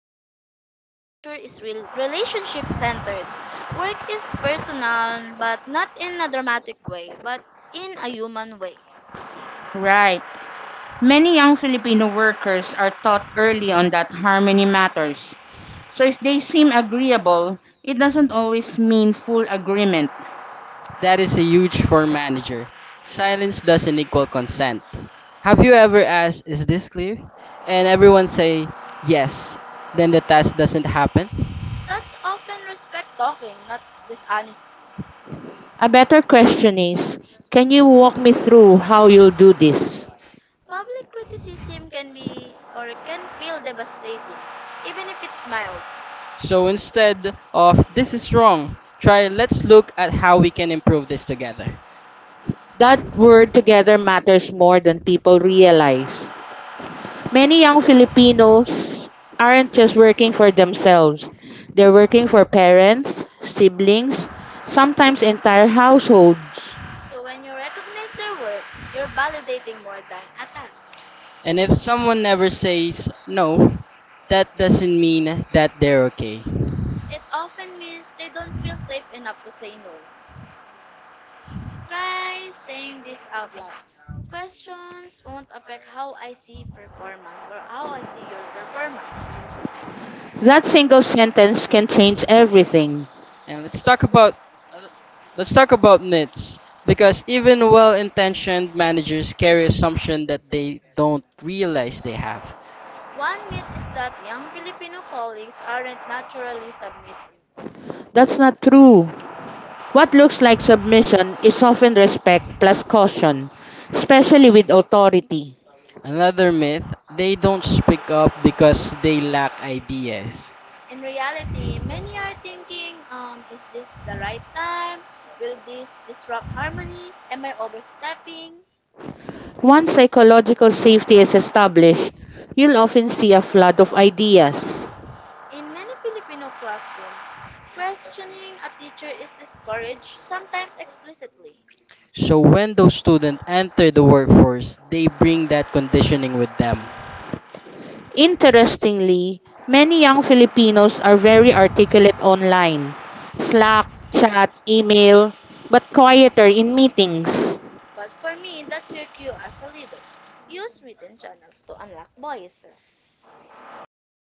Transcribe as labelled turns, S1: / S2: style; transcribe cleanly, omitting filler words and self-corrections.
S1: that Filipino culture is relationship centered. Work is personal, but not in a dramatic way, but in a human way.
S2: Right.
S1: Right. Many
S2: Many young
S1: young Filipino
S2: Filipino
S1: workers
S2: workers are
S1: are
S2: taught early on
S1: taught that
S2: that harmony matters. So if they seem
S1: relationship
S2: agreeable, it doesn't
S1: doesn't always
S2: always mean
S1: mean
S2: full agreement.
S1: agreement. That
S3: That
S1: is
S3: is a
S1: a huge
S3: huge
S1: for
S3: for
S1: manager.
S3: manager.
S1: Silence
S3: Silence
S1: doesn't
S3: doesn't equal
S1: equal consent.
S3: consent. Have you
S1: Agree?
S3: ever asked, is this clear?
S1: And
S3: And everyone
S1: everyone say
S3: say,
S1: yes.
S3: yes.
S1: Then
S3: Then the
S1: the task
S3: task doesn't happen.
S1: that's often respect talking, not dishonesty.
S2: A better question is, can you walk me through how you do this?
S1: Public criticism can be or can feel devastating, even if it's mild.
S3: So instead of, this is wrong, try, let's look at how we can improve this together.
S2: That word together matters more than people realize. Many young Filipinos aren't just working for themselves. They're working for parents, siblings, sometimes entire households.
S1: So when you recognize their work, you're validating more than a task.
S3: And if someone never says no, that doesn't mean that they're okay.
S1: It often means they don't feel safe enough to say no. Try saying this out loud. Questions won't affect how I see performance or how I see your performance.
S2: That single sentence can change everything.
S3: And let's
S1: Stuck
S3: talk about uh, let's talk about
S1: decisions,
S3: myths
S1: big
S3: because even
S1: tension,
S3: well-intentioned managers
S1: scary
S3: carry
S1: assumption.
S3: assumption that they don't realize they have.
S1: One myth is that young Filipino colleagues aren't naturally submissive.
S2: That's
S1: That's not
S2: not
S1: true.
S2: true.
S1: What
S2: What
S1: looks
S2: looks like
S1: like submission
S2: submission
S1: is
S2: is often
S1: often
S2: respect plus caution, especially with authority.
S3: Another myth, they
S1: they don't
S3: don't
S1: speak
S3: speak up
S1: up.
S3: because they lack ideas.
S1: In reality, many are thinking, is this the right time? Will this disrupt harmony? Am I overstepping?
S2: Once psychological safety is established, you'll often see a flood of ideas.
S1: In many Filipino classrooms, questioning a teacher is discouraged, sometimes explicitly.
S3: So when those students enter the workforce, they bring that conditioning with them.
S2: Interestingly,
S1: Many
S2: many young
S1: young Filipinos
S2: Filipinos are
S1: are very
S2: very
S1: articulate
S2: articulate
S1: online,
S2: online:
S1: Slack,
S2: Slack, chat,
S1: chat,
S2: email, but quieter in
S1: and
S2: meetings.
S1: but for me, that's your cue as a leader. Use written channels to unlock voices.